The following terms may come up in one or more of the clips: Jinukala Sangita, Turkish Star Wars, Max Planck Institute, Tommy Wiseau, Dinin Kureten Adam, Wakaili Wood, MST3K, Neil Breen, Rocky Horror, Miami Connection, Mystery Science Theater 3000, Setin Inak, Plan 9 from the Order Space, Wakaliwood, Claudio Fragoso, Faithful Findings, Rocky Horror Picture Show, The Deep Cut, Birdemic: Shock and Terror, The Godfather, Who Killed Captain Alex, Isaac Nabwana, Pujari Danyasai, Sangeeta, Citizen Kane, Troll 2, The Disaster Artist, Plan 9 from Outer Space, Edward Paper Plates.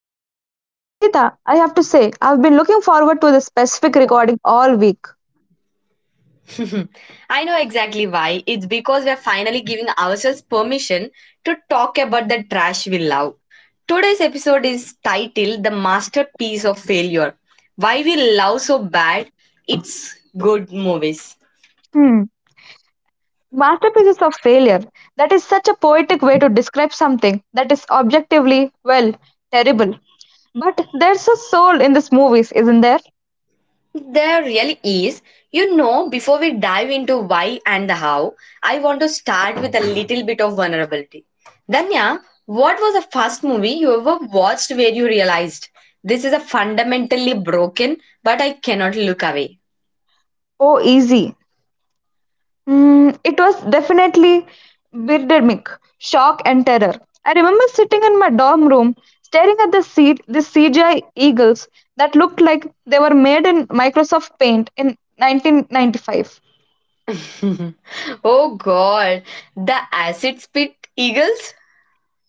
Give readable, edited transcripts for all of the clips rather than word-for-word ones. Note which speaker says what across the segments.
Speaker 1: today. Sangeeta, I have to say, I've been looking forward to this specific recording all week.
Speaker 2: I know exactly why. It's because we're finally giving ourselves permission to talk about the trash we love. Today's episode is titled The Masterpiece of Failure, Why We Love So Bad It's Good Movies.
Speaker 1: Hmm. Masterpieces of failure. That is such a poetic way to describe something that is objectively, well, terrible. But there's a soul in these movies, isn't there?
Speaker 2: There really is. Before we dive into why and the how, I want to start with a little bit of vulnerability. Danya, what was the first movie you ever watched where you realized this is a fundamentally broken, but I cannot look away?
Speaker 1: Oh, easy. It was definitely birdemic, shock and terror. I remember sitting in my dorm room staring at the CGI eagles that looked like they were made in Microsoft Paint in 1995.
Speaker 2: Oh god, the acid spit eagles?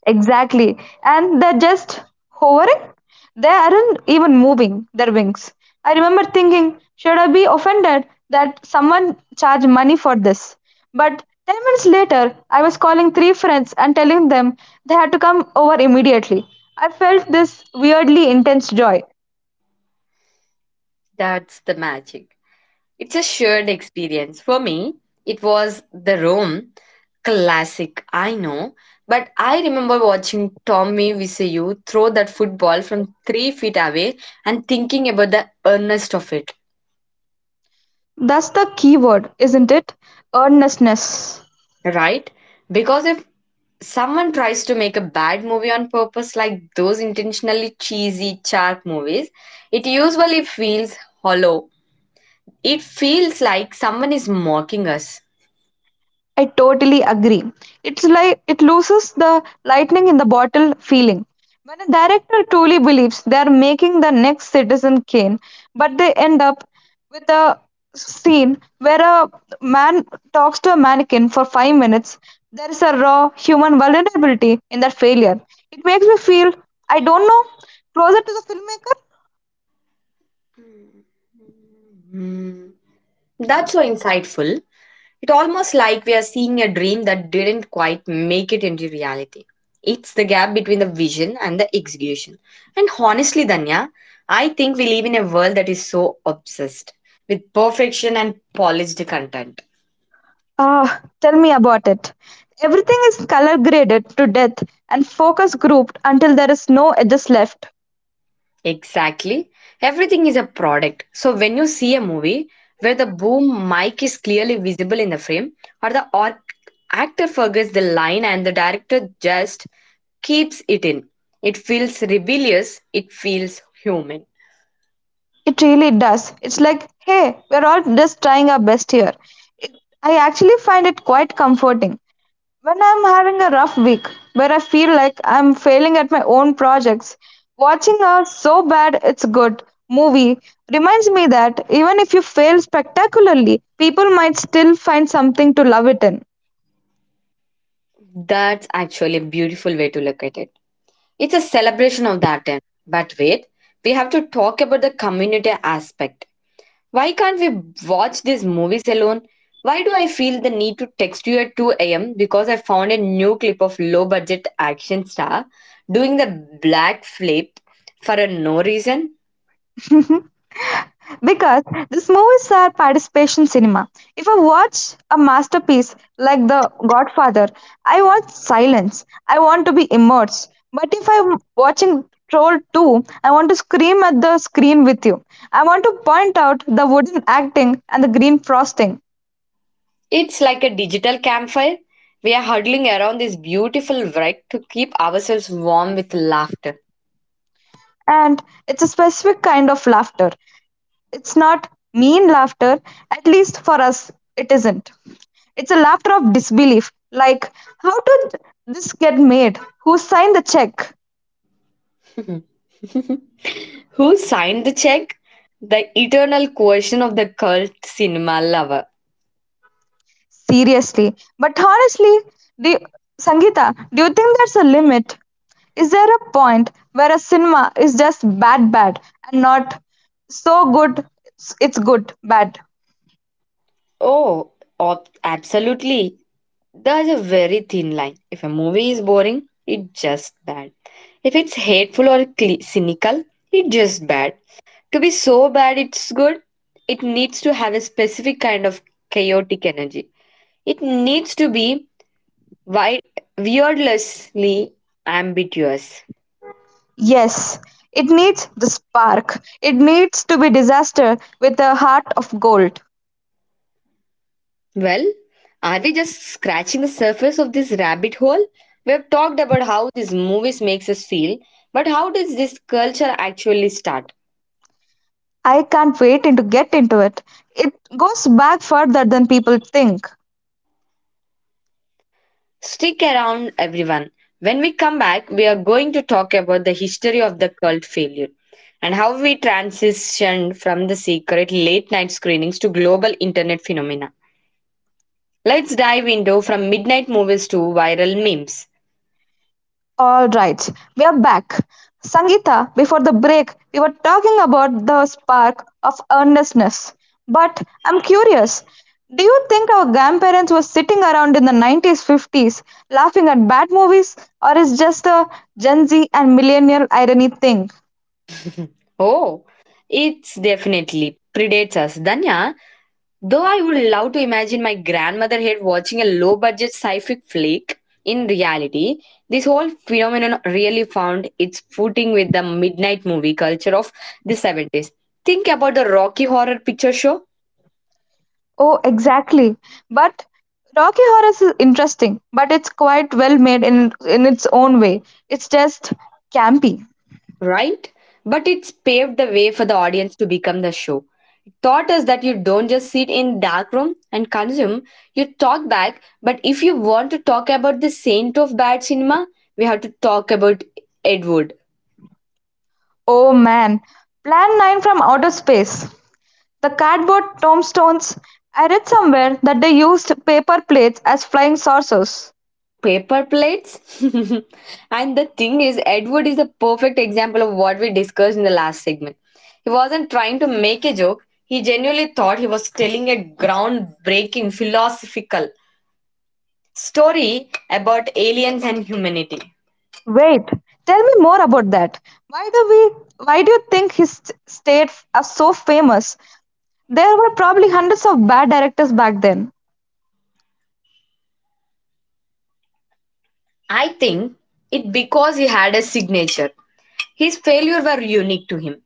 Speaker 1: Exactly. And they're just hovering. They aren't even moving their wings. I remember thinking, should I be offended that someone charged money for this? But 10 minutes later, I was calling three friends and telling them they had to come over immediately. I felt this weirdly intense joy.
Speaker 2: That's the magic. It's a shared experience. For me, it was the Rome classic, I know, but I remember watching Tommy Wiseau throw that football from 3 feet away and thinking about the earnest of it,
Speaker 1: That's the key word, isn't it? Earnestness.
Speaker 2: right? Because if someone tries to make a bad movie on purpose, like those intentionally cheesy shark movies, it usually feels hollow. It feels like someone is mocking us.
Speaker 1: I totally agree. It's like it loses the lightning in the bottle feeling. When a director truly believes they are making the next Citizen Kane, but they end up with a scene where a man talks to a mannequin for 5 minutes, there is a raw human vulnerability in that failure. It makes me feel, I don't know, closer to the filmmaker.
Speaker 2: Mm. Hmm. That's so insightful. It's almost like we are seeing a dream that didn't quite make it into reality. It's the gap between the vision and the execution. And honestly, Danya, I think we live in a world that is so obsessed with perfection and polished content.
Speaker 1: Ah, tell me about it. Everything is color graded to death and focus grouped until there is no edges left.
Speaker 2: Exactly. Everything is a product. So when you see a movie where the boom mic is clearly visible in the frame, or the actor forgets the line and the director just keeps it in, it feels rebellious, it feels human.
Speaker 1: It really does. It's like, hey, we're all just trying our best here. It, I actually find it quite comforting. When I'm having a rough week where I feel like I'm failing at my own projects, watching a so bad it's good movie reminds me that even if you fail spectacularly, people might still find something to love it in.
Speaker 2: That's actually a beautiful way to look at it. It's a celebration of that end. But wait, we have to talk about the community aspect. Why can't we watch these movies alone? Why do I feel the need to text you at 2 a.m. because I found a new clip of low budget action star doing the black flip for a no reason?
Speaker 1: Because these movies are participation cinema. If I watch a masterpiece like The Godfather, I want silence. I want to be immersed. But if I'm watching Troll 2, I want to scream at the screen with you. I want to point out the wooden acting and the green frosting.
Speaker 2: It's like a digital campfire. We are huddling around this beautiful wreck to keep ourselves warm with laughter.
Speaker 1: And it's a specific kind of laughter. It's not mean laughter, at least for us, it isn't. It's a laughter of disbelief. Like, how did this get made? Who signed the check?
Speaker 2: Who signed the check? The eternal question of the cult cinema lover.
Speaker 1: Seriously. But honestly, do, Sangeeta, do you think there's a limit? Is there a point where a cinema is just bad, bad, and not so good it's good, bad?
Speaker 2: Oh, absolutely. There's a very thin line. If a movie is boring, it's just bad. If it's hateful or cynical, it's just bad. To be so bad it's good, it needs to have a specific kind of chaotic energy. It needs to be wi- weirdlessly ambiguous.
Speaker 1: Yes, it needs the spark. It needs to be disaster with a heart of gold.
Speaker 2: Well, are we just scratching the surface of this rabbit hole? We have talked about how these movies makes us feel, but how does this culture actually start?
Speaker 1: I can't wait in to get into it. It goes back further than people think.
Speaker 2: Stick around, everyone. When we come back, we are going to talk about the history of the cult failure and how we transitioned from the secret late night screenings to global internet phenomena. Let's dive into from midnight movies to viral memes.
Speaker 1: All right, we are back. Sangeeta, before the break, we were talking about the spark of earnestness. But I'm curious, do you think our grandparents were sitting around in the 90s, 50s laughing at bad movies, or is just a Gen Z and millennial irony thing?
Speaker 2: Oh, it's definitely predates us, Danya. Though I would love to imagine my grandmother here watching a low budget sci fi flick, in reality, this whole phenomenon really found its footing with the midnight movie culture of the 70s. Think about the Rocky Horror Picture Show,
Speaker 1: Oh, exactly. But Rocky Horror is interesting, but it's quite well made in its own way. It's just campy.
Speaker 2: right? But it's paved the way for the audience to become the show. It taught us that you don't just sit in dark room and consume, you talk back. But if you want to talk about the saint of bad cinema, we have to talk about Edward.
Speaker 1: Oh man, Plan 9 from Outer Space. The cardboard tombstones. I read somewhere that they used paper plates as flying saucers.
Speaker 2: Paper plates. And the thing is, Edward is the perfect example of what we discussed in the last segment. He wasn't trying to make a joke, he genuinely thought he was telling a groundbreaking philosophical story about aliens and humanity.
Speaker 1: Wait, tell me more about that. Why do we why do you think his state are so famous? There were probably hundreds of bad directors back then.
Speaker 2: I think it because he had a signature. His failure were unique to him.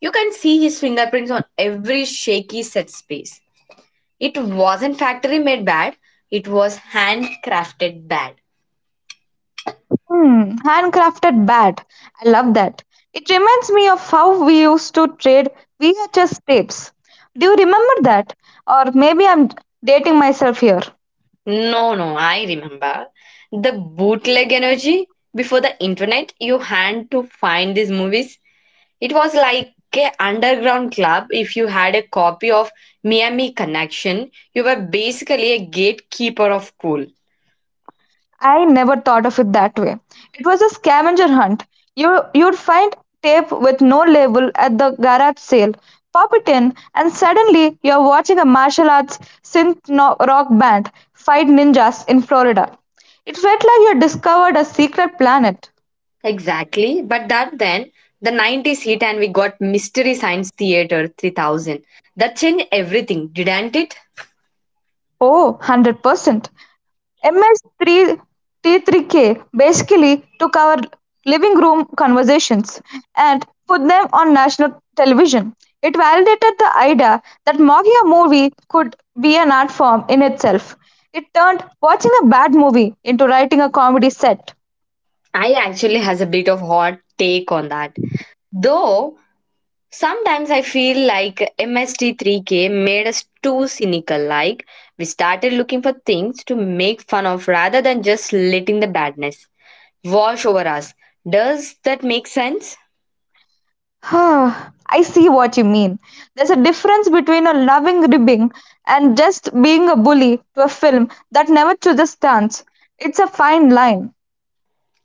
Speaker 2: You can see his fingerprints on every shaky set space. It wasn't factory made bad, it was handcrafted bad.
Speaker 1: Hmm, handcrafted bat. I love that. It reminds me of how we used to trade VHS tapes. Do you remember that? Or maybe I'm dating myself here.
Speaker 2: No, no, I remember. The bootleg energy before the internet, you had to find these movies. It was like a underground club. If you had a copy of Miami Connection, you were basically a gatekeeper of cool.
Speaker 1: I never thought of it that way. It was a scavenger hunt. You'd find tape with no label at the garage sale, pop it in, and suddenly you're watching a martial arts synth no- rock band fight ninjas in Florida. It felt like you discovered a secret planet.
Speaker 2: Exactly. But that then, the 90s hit and we got Mystery Science Theater 3000. That changed everything, didn't it?
Speaker 1: Oh, 100%. MS3 T3K basically took our living room conversations and put them on national television. It validated the idea that mocking a movie could be an art form in itself. It turned watching a bad movie into writing a comedy set.
Speaker 2: I actually has a bit of hot take on that. Though sometimes I feel like MST3K made us too cynical, like we started looking for things to make fun of rather than just letting the badness wash over us. Does that make sense?
Speaker 1: I see what you mean. There's a difference between a loving ribbing and just being a bully to a film that never chooses stance. It's a fine line.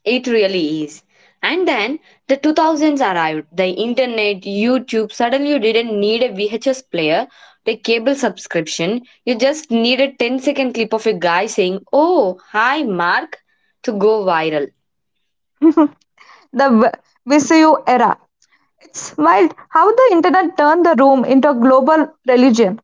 Speaker 2: It really is. And then the 2000s arrived. The internet, YouTube, suddenly you didn't need a VHS player, the cable subscription. You just need a 10 second clip of a guy saying, "Oh, hi, Mark," to go viral.
Speaker 1: the v- VCU era. It's wild how the internet turned the room into a global religion.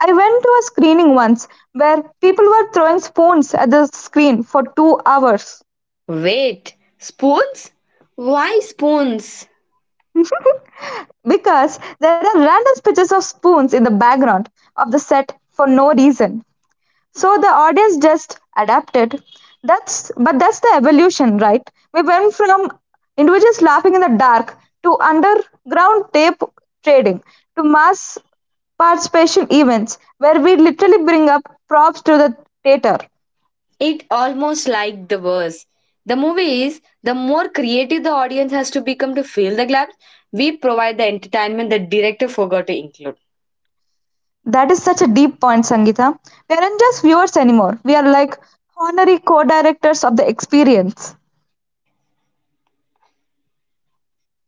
Speaker 1: I went to a screening once where people were throwing spoons at the screen for 2 hours.
Speaker 2: Wait, spoons? Why spoons?
Speaker 1: Because there are random pictures of spoons in the background of the set for no reason. So the audience just adapted. That's but that's the evolution, right? We went from individuals laughing in the dark to underground tape trading to mass participation events where we literally bring up props to the theater.
Speaker 2: It almost like the verse. The movie is the more creative the audience has to become to fill the gaps, we provide the entertainment the director forgot to include.
Speaker 1: That is such a deep point, Sangita. We aren't just viewers anymore. We are like honorary co-directors of the experience.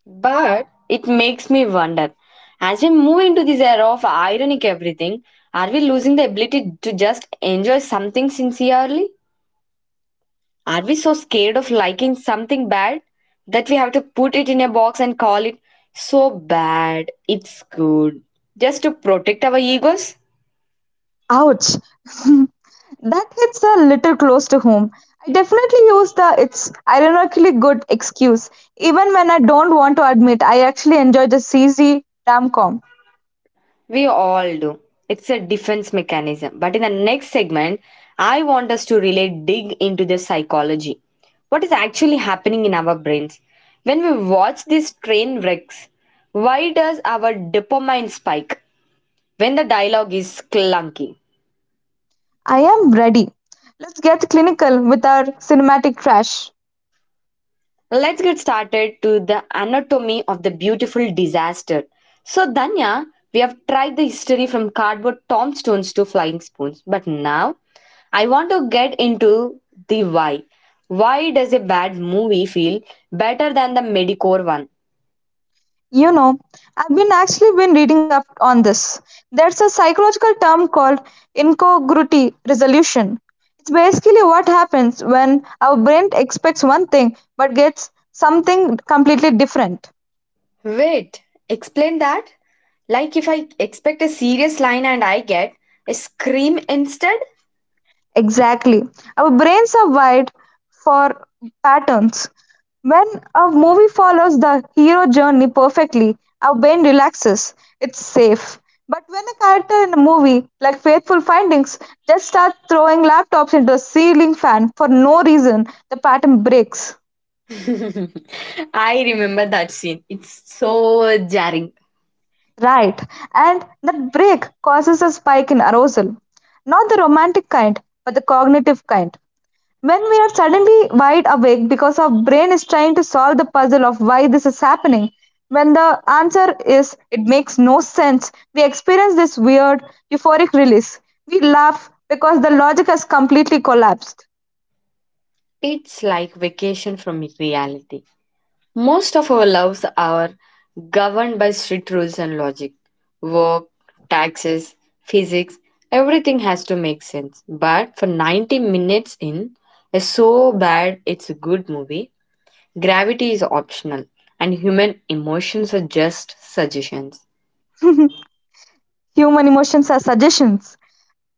Speaker 2: But it makes me wonder, as we move into this era of ironic everything, are we losing the ability to just enjoy something sincerely? Are we so scared of liking something bad that we have to put it in a box and call it so bad it's good just to protect our egos?
Speaker 1: Ouch! That hits a little close to home. I definitely use the it's ironically good excuse. Even when I don't want to admit, I actually enjoy the cheesy, rom com.
Speaker 2: We all do. It's a defense mechanism. But in the next segment, I want us to really dig into the psychology. What is actually happening in our brains when we watch these train wrecks? Why does our dopamine spike when the dialogue is clunky?
Speaker 1: I am ready. Let's get clinical with our cinematic trash.
Speaker 2: Let's get started to the anatomy of the beautiful disaster. So, Danya, we have tried the history from cardboard tombstones to flying spoons, but now I want to get into the why. Why does a bad movie feel better than the mediocre one?
Speaker 1: You know, I've been actually been reading up on this. There's a psychological term called incongruity resolution. It's basically what happens when our brain expects one thing but gets something completely different.
Speaker 2: Wait, explain that? Like if I expect a serious line and I get a scream instead?
Speaker 1: Exactly. Our brains are wired for patterns. When a movie follows the hero journey perfectly, our brain relaxes. It's safe. But when a character in a movie like Faithful Findings just starts throwing laptops into a ceiling fan for no reason, the pattern breaks.
Speaker 2: I remember that scene. It's so jarring.
Speaker 1: Right. And that break causes a spike in arousal. Not the romantic kind, but the cognitive kind. When we are suddenly wide awake because our brain is trying to solve the puzzle of why this is happening, when the answer is it makes no sense, we experience this weird euphoric release. We laugh because the logic has completely collapsed.
Speaker 2: It's like vacation from reality. Most of our lives are governed by strict rules and logic. Work, taxes, physics, everything has to make sense. But for 90 minutes in a so bad it's a good movie, gravity is optional and human emotions are just suggestions.
Speaker 1: Human emotions are suggestions.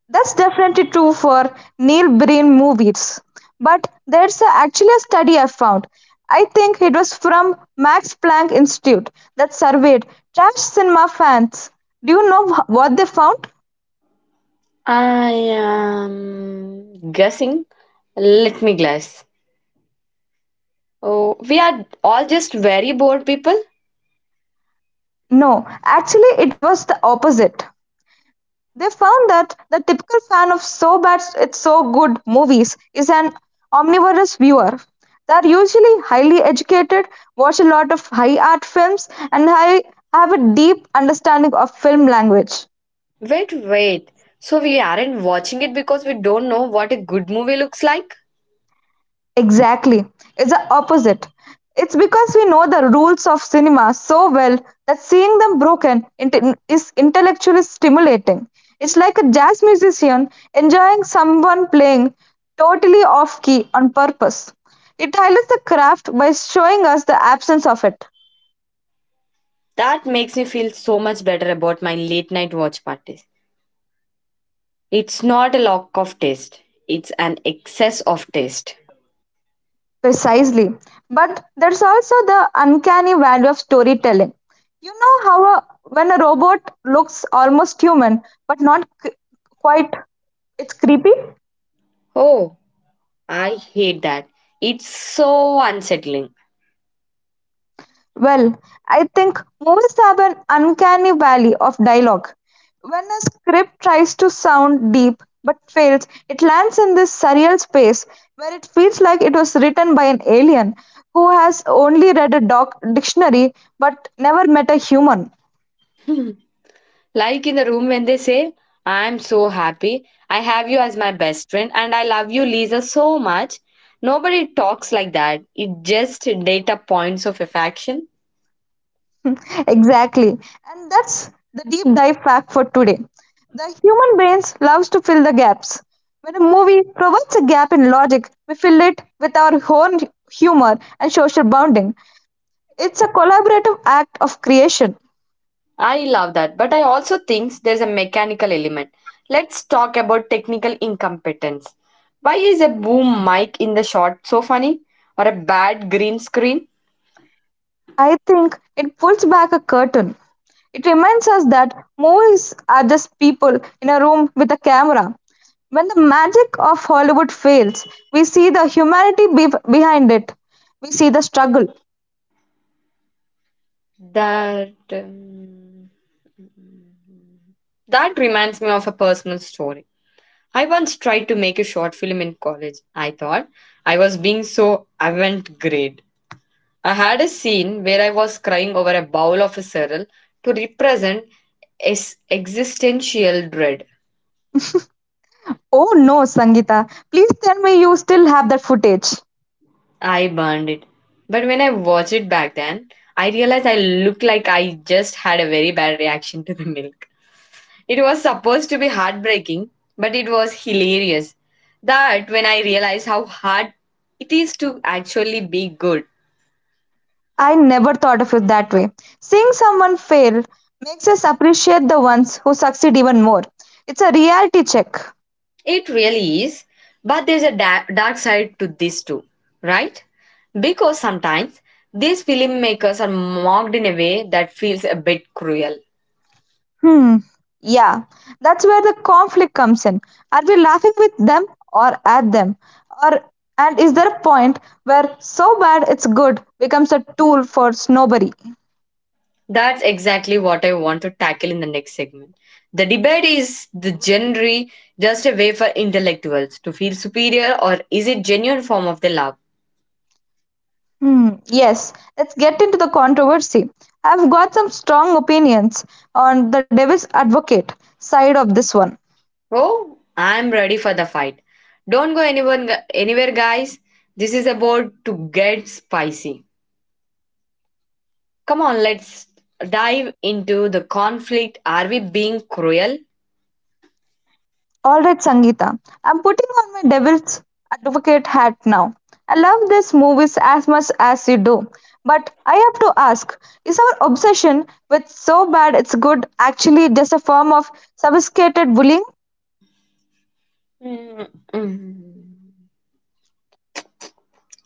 Speaker 1: That's definitely true for Neil Breen movies. But actually a study I found. I think it was from Max Planck Institute that surveyed trash cinema fans. Do you know what they found?
Speaker 2: I am guessing. Let me guess. Oh, we are all just very bored people.
Speaker 1: No, actually, it was the opposite. They found that the typical fan of "So Bad It's So Good" movies is an omnivorous viewer. They are usually highly educated, watch a lot of high art films, and have a deep understanding of film language.
Speaker 2: Wait, wait. So we aren't watching it because we don't know what a good movie looks like?
Speaker 1: Exactly. It's the opposite. It's because we know the rules of cinema so well that seeing them broken is intellectually stimulating. It's like a jazz musician enjoying someone playing totally off key on purpose. It highlights the craft by showing us the absence of it.
Speaker 2: That makes me feel so much better about my late night watch parties. It's not a lack of taste, it's an excess of taste.
Speaker 1: Precisely. But there's also the uncanny value of storytelling. You know when a robot looks almost human, but not c- quite, it's creepy?
Speaker 2: Oh, I hate that. It's so unsettling.
Speaker 1: Well, I think movies have an uncanny valley of dialogue. When a script tries to sound deep but fails, it lands in this surreal space where it feels like it was written by an alien who has only read a dictionary but never met a human.
Speaker 2: Like in the room when they say, "I'm so happy, I have you as my best friend, and I love you, Lisa, so much." Nobody talks like that. It just data points of affection.
Speaker 1: Exactly. And that's the deep dive fact for today. The human brains loves to fill the gaps. When a movie provides a gap in logic, we fill it with our own humor and social bonding. It's a collaborative act of creation.
Speaker 2: I love that, but I also think there's a mechanical element. Let's talk about technical incompetence. Why is a boom mic in the shot so funny? Or a bad green screen?
Speaker 1: I think it pulls back a curtain. It reminds us that movies are just people in a room with a camera. When the magic of Hollywood fails, we see the humanity behind it. We see the struggle.
Speaker 2: That um, that reminds me of a personal story. I once tried to make a short film in college. I thought I was being so avant-garde. I had a scene where I was crying over a bowl of a cereal to represent existential dread.
Speaker 1: Oh no, Sangeeta, please tell me you still have that footage.
Speaker 2: I burned it. But when I watched it back then, I realized I looked like I just had a very bad reaction to the milk. It was supposed to be heartbreaking, but it was hilarious. That when I realized how hard it is to actually be good.
Speaker 1: I never thought of it that way. Seeing someone fail makes us appreciate the ones who succeed even more. It's a reality check.
Speaker 2: It really is, but there's a dark side to this too, right? Because sometimes these filmmakers are mocked in a way that feels a bit cruel.
Speaker 1: Hmm. Yeah, that's where the conflict comes in. Are we laughing with them or at them? Or and is there a point where so bad it's good becomes a tool for snobbery?
Speaker 2: That's exactly what I want to tackle in the next segment. The debate is the genre just a way for intellectuals to feel superior, or is it genuine form of the love?
Speaker 1: Hmm, yes, let's get into the controversy. I've got some strong opinions on the devil's advocate side of this one.
Speaker 2: Oh, I'm ready for the fight. Don't go anyone anywhere, guys. This is about to get spicy. Come on, let's dive into the conflict. Are we being cruel?
Speaker 1: All right, Sangeeta, I'm putting on my devil's advocate hat now. I love these movies as much as you do, but I have to ask is our obsession with so bad it's good actually just a form of sophisticated bullying?
Speaker 2: Mm, mm.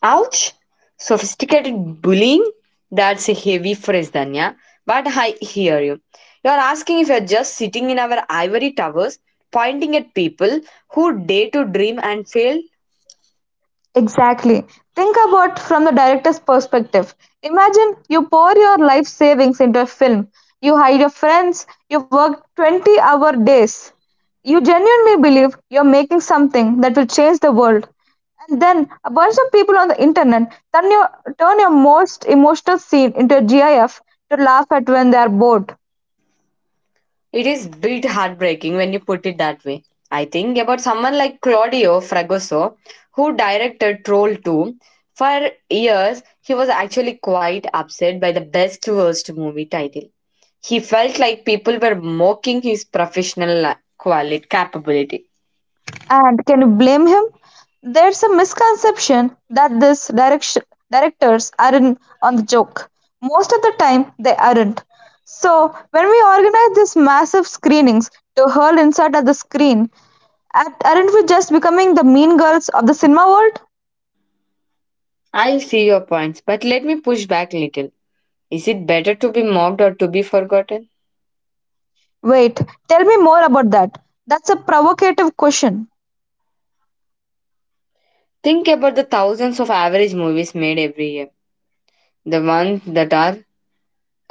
Speaker 2: Ouch! Sophisticated bullying? That's a heavy phrase, Danya. But I hear you. You're asking if you're just sitting in our ivory towers, pointing at people who dare to dream and fail?
Speaker 1: Exactly. Think about from the director's perspective. Imagine you pour your life savings into a film. You hire your friends, you work 20-hour days. You genuinely believe you're making something that will change the world. And then a bunch of people on the internet turn turn your most emotional scene into a GIF to laugh at when they are bored.
Speaker 2: It is bit heartbreaking when you put it that way. I think about someone like Claudio Fragoso, who directed Troll 2. For years, he was actually quite upset by the best worst movie title. He felt like people were mocking his professional quality capability.
Speaker 1: And can you blame him? There's a misconception that these directors are in on the joke. Most of the time, they aren't. So, when we organize these massive screenings to hurl insult at the screen, aren't we just becoming the mean girls of the cinema world?
Speaker 2: I see your points, but let me push back a little. Is it better to be mocked or to be forgotten?
Speaker 1: Wait, tell me more about that. That's a provocative question.
Speaker 2: Think about the thousands of average movies made every year. The ones that are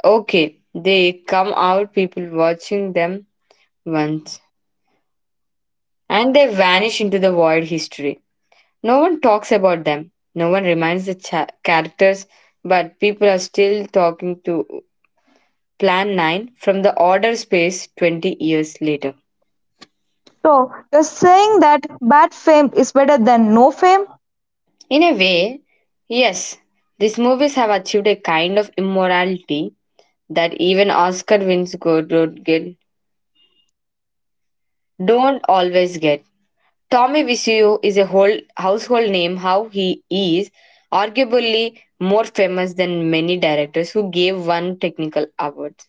Speaker 2: okay, they come out, people watching them once, and they vanish into the void history. No one talks about them, no one reminds the characters, but people are still talking to Plan 9 from the Order Space 20 years later.
Speaker 1: So, you're saying that bad fame is better than no fame?
Speaker 2: In a way, yes, these movies have achieved a kind of immorality that even Oscar wins go don't get don't always get. Tommy Wiseau is a whole household name. How he is arguably more famous than many directors who gave one technical awards.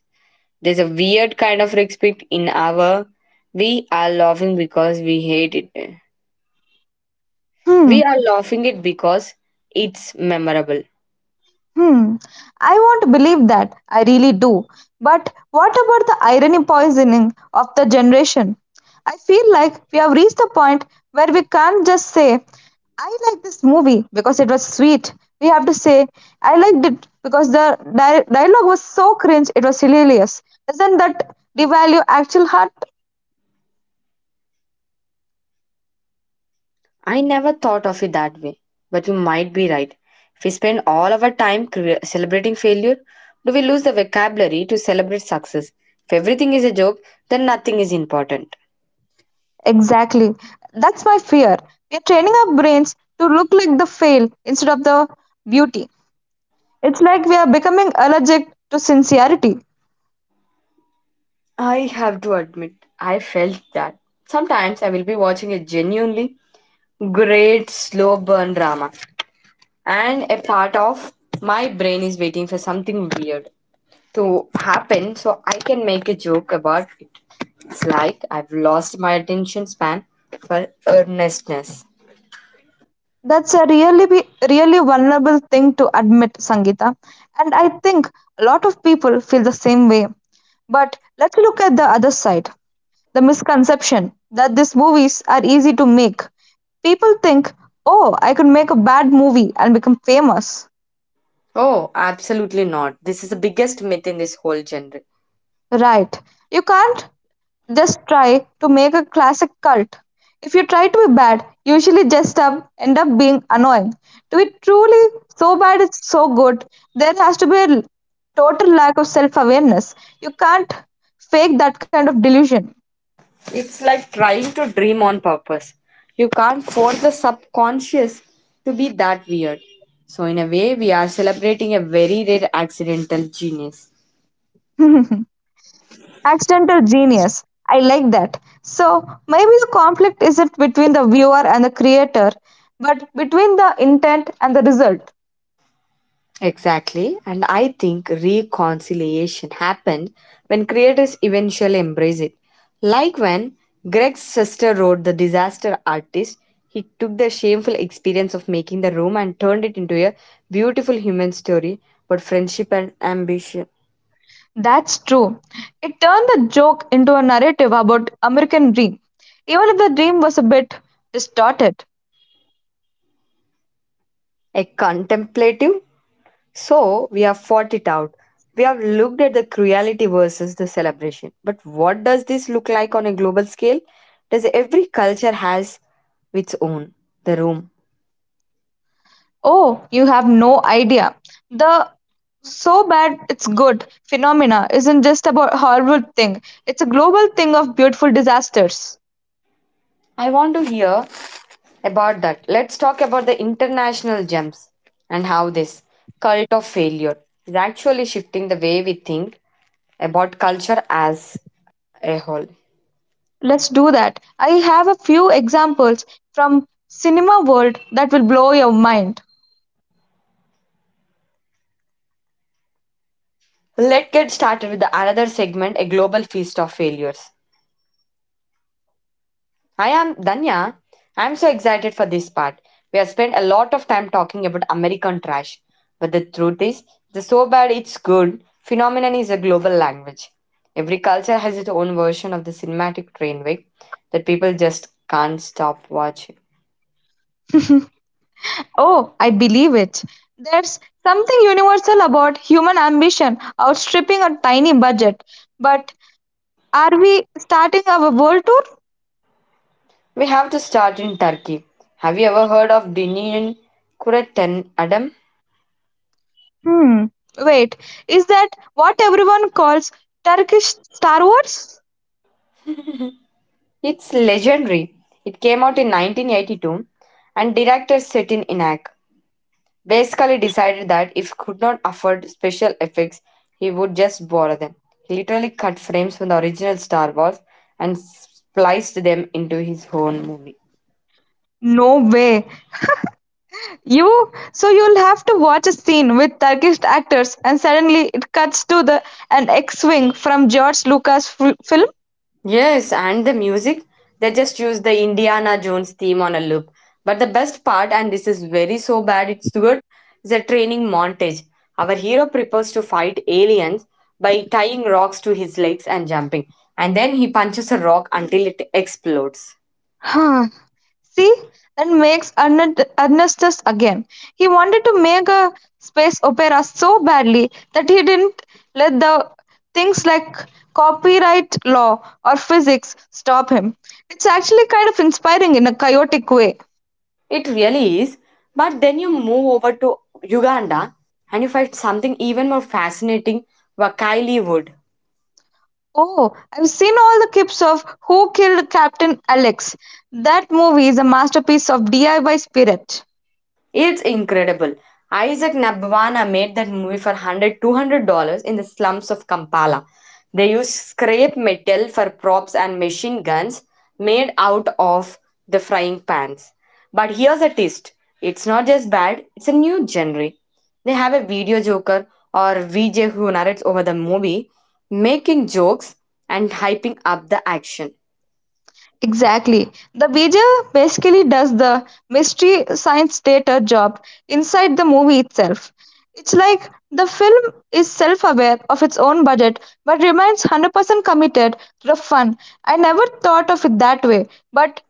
Speaker 2: There's a weird kind of respect in our. We are laughing because we hate it.
Speaker 1: Hmm,
Speaker 2: We are laughing it because it's memorable.
Speaker 1: Hmm, I want to believe that. I really do. But what about the irony poisoning of the generation? I feel like we have reached the point where we can't just say, I like this movie because it was sweet. We have to say, I liked it because the dialogue was so cringe, it was hilarious. Doesn't that devalue actual heart?
Speaker 2: I never thought of it that way, but you might be right. If we spend all our time celebrating failure, do we lose the vocabulary to celebrate success? If everything is a joke, then nothing is important.
Speaker 1: Exactly. That's my fear. We are training our brains to look like the fail instead of the beauty. It's like we are becoming allergic to sincerity.
Speaker 2: I have to admit, I felt that. Sometimes I will be watching a genuinely great slow burn drama, and a part of my brain is waiting for something weird to happen so I can make a joke about it. It's like I've lost my attention span for earnestness.
Speaker 1: That's a really vulnerable thing to admit, Sangeeta. And I think a lot of people feel the same way. But let's look at the other side, the misconception that these movies are easy to make. People think, oh, I could make a bad movie and become famous.
Speaker 2: Oh, absolutely not. This is the biggest myth in this whole genre.
Speaker 1: Right. You can't just try to make a classic cult. If you try to be bad, you usually just end up being annoying. To be truly so bad it's so good, there has to be total lack of self awareness. You can't fake that kind of delusion.
Speaker 2: It's like trying to dream on purpose. You can't force the subconscious to be that weird. So, in a way, we are celebrating a very rare accidental genius.
Speaker 1: Accidental genius. I like that. So maybe the conflict isn't between the viewer and the creator, but between the intent and the result.
Speaker 2: Exactly, and I think reconciliation happened when creators eventually embrace it. Like when Greg's sister wrote The Disaster Artist, he took the shameful experience of making the room and turned it into a beautiful human story about friendship and ambition.
Speaker 1: That's true. It turned the joke into a narrative about American dream, even if the dream was a bit distorted.
Speaker 2: A contemplative. So we have fought it out. We have looked at the cruelty versus the celebration. But what does this look like on a global scale? Does every culture has its own the room?
Speaker 1: Oh, you have no idea. The so bad it's good phenomena isn't just about horrible thing. It's a global thing of beautiful disasters.
Speaker 2: I want to hear about that. Let's talk about the international gems and how this cult of failure is actually shifting the way we think about culture as a whole.
Speaker 1: Let's do that. I have a few examples from cinema world that will blow your mind.
Speaker 2: Let's get started with the another segment, a global feast of failures. I'm Danya. I'm so excited for this part. We have spent a lot of time talking about American trash, but the truth is, the so bad it's good phenomenon is a global language. Every culture has its own version of the cinematic train wreck that people just can't stop watching.
Speaker 1: Oh, I believe it. There's something universal about human ambition outstripping a tiny budget. But are we starting our world tour?
Speaker 2: We have to start in Turkey. Have you ever heard of Dinin Kureten Adam?
Speaker 1: Hmm. Wait, is that what everyone calls Turkish Star Wars?
Speaker 2: It's legendary. It came out in 1982 and director Setin Inak basically decided that if he could not afford special effects, he would just borrow them. He literally cut frames from the original Star Wars and spliced them into his own movie.
Speaker 1: No way. You so you'll have to watch a scene with Turkish actors and suddenly it cuts to the an X-wing from George film.
Speaker 2: Yes, and the music, they just used the Indiana Jones theme on a loop. But the best part, and this is very so bad, it's good, is a training montage. Our hero prepares to fight aliens by tying rocks to his legs and jumping. And then he punches a rock until it explodes.
Speaker 1: See, that makes Ernestus again. He wanted to make a space opera so badly that he didn't let the things like copyright law or physics stop him. It's actually kind of inspiring in a chaotic way.
Speaker 2: It really is. But then you move over to Uganda and you find something even more fascinating, Wakaili wood.
Speaker 1: Oh, I've seen all the clips of Who Killed Captain Alex. That movie is a masterpiece of DIY spirit.
Speaker 2: It's incredible. Isaac Nabwana made that movie for 100 $200 $200 in the slums of Kampala. They used scrap metal for props and machine guns made out of the frying pans. But here's a twist, it's not just bad, it's a new genre. They have a video joker or VJ who narrates over the movie, making jokes and hyping up the action.
Speaker 1: Exactly. The Beja basically does the mystery science data job inside the movie itself. It's like the film is self aware of its own budget but remains 100% committed to the fun. I never thought of it that way, but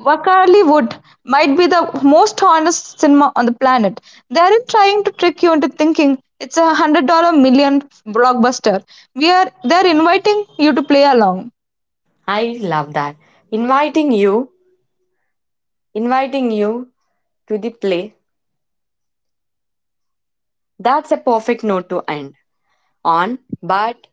Speaker 1: Wakali Wood might be the most honest cinema on the planet. They aren't trying to trick you into thinking it's a hundred million million blockbuster. They're inviting you to play along.
Speaker 2: I love that. Inviting you, Inviting you to the play. That's a perfect note to end on, but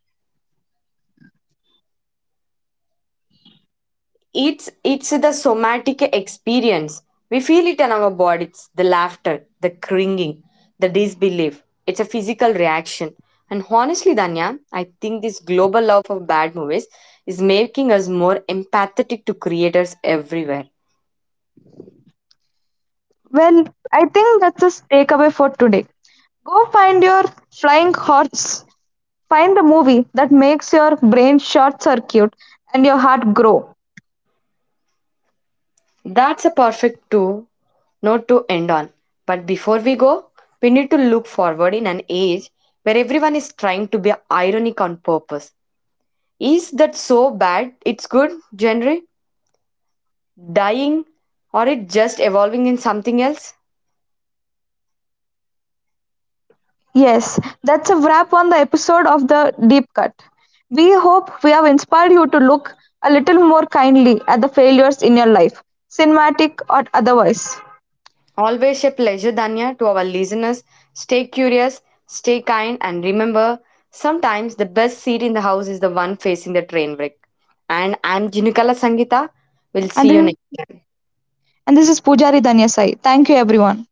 Speaker 2: it's the somatic experience. We feel it in our bodies, the laughter, the cringing, the disbelief. It's a physical reaction. And honestly, Danya, I think this global love of bad movies is making us more empathetic to creators everywhere.
Speaker 1: Well, I think that's a takeaway for today. Go find your flying horse. Find the movie that makes your brain short circuit and your heart grow.
Speaker 2: That's a perfect too note to end on. But before we go, we need to look forward in an age where everyone is trying to be ironic on purpose. Is that so bad? It's good, genre? Dying? Or it just evolving in something else?
Speaker 1: Yes, that's a wrap on the episode of The Deep Cut. We hope we have inspired you to look a little more kindly at the failures in your life, cinematic or otherwise.
Speaker 2: Always a pleasure, Danya, to our listeners. Stay curious, stay kind, and remember sometimes the best seat in the house is the one facing the train wreck. And I'm Jinukala Sangita. We'll see
Speaker 1: And
Speaker 2: you
Speaker 1: this,
Speaker 2: next.
Speaker 1: and this is Pujari Danyasai. Thank you, everyone.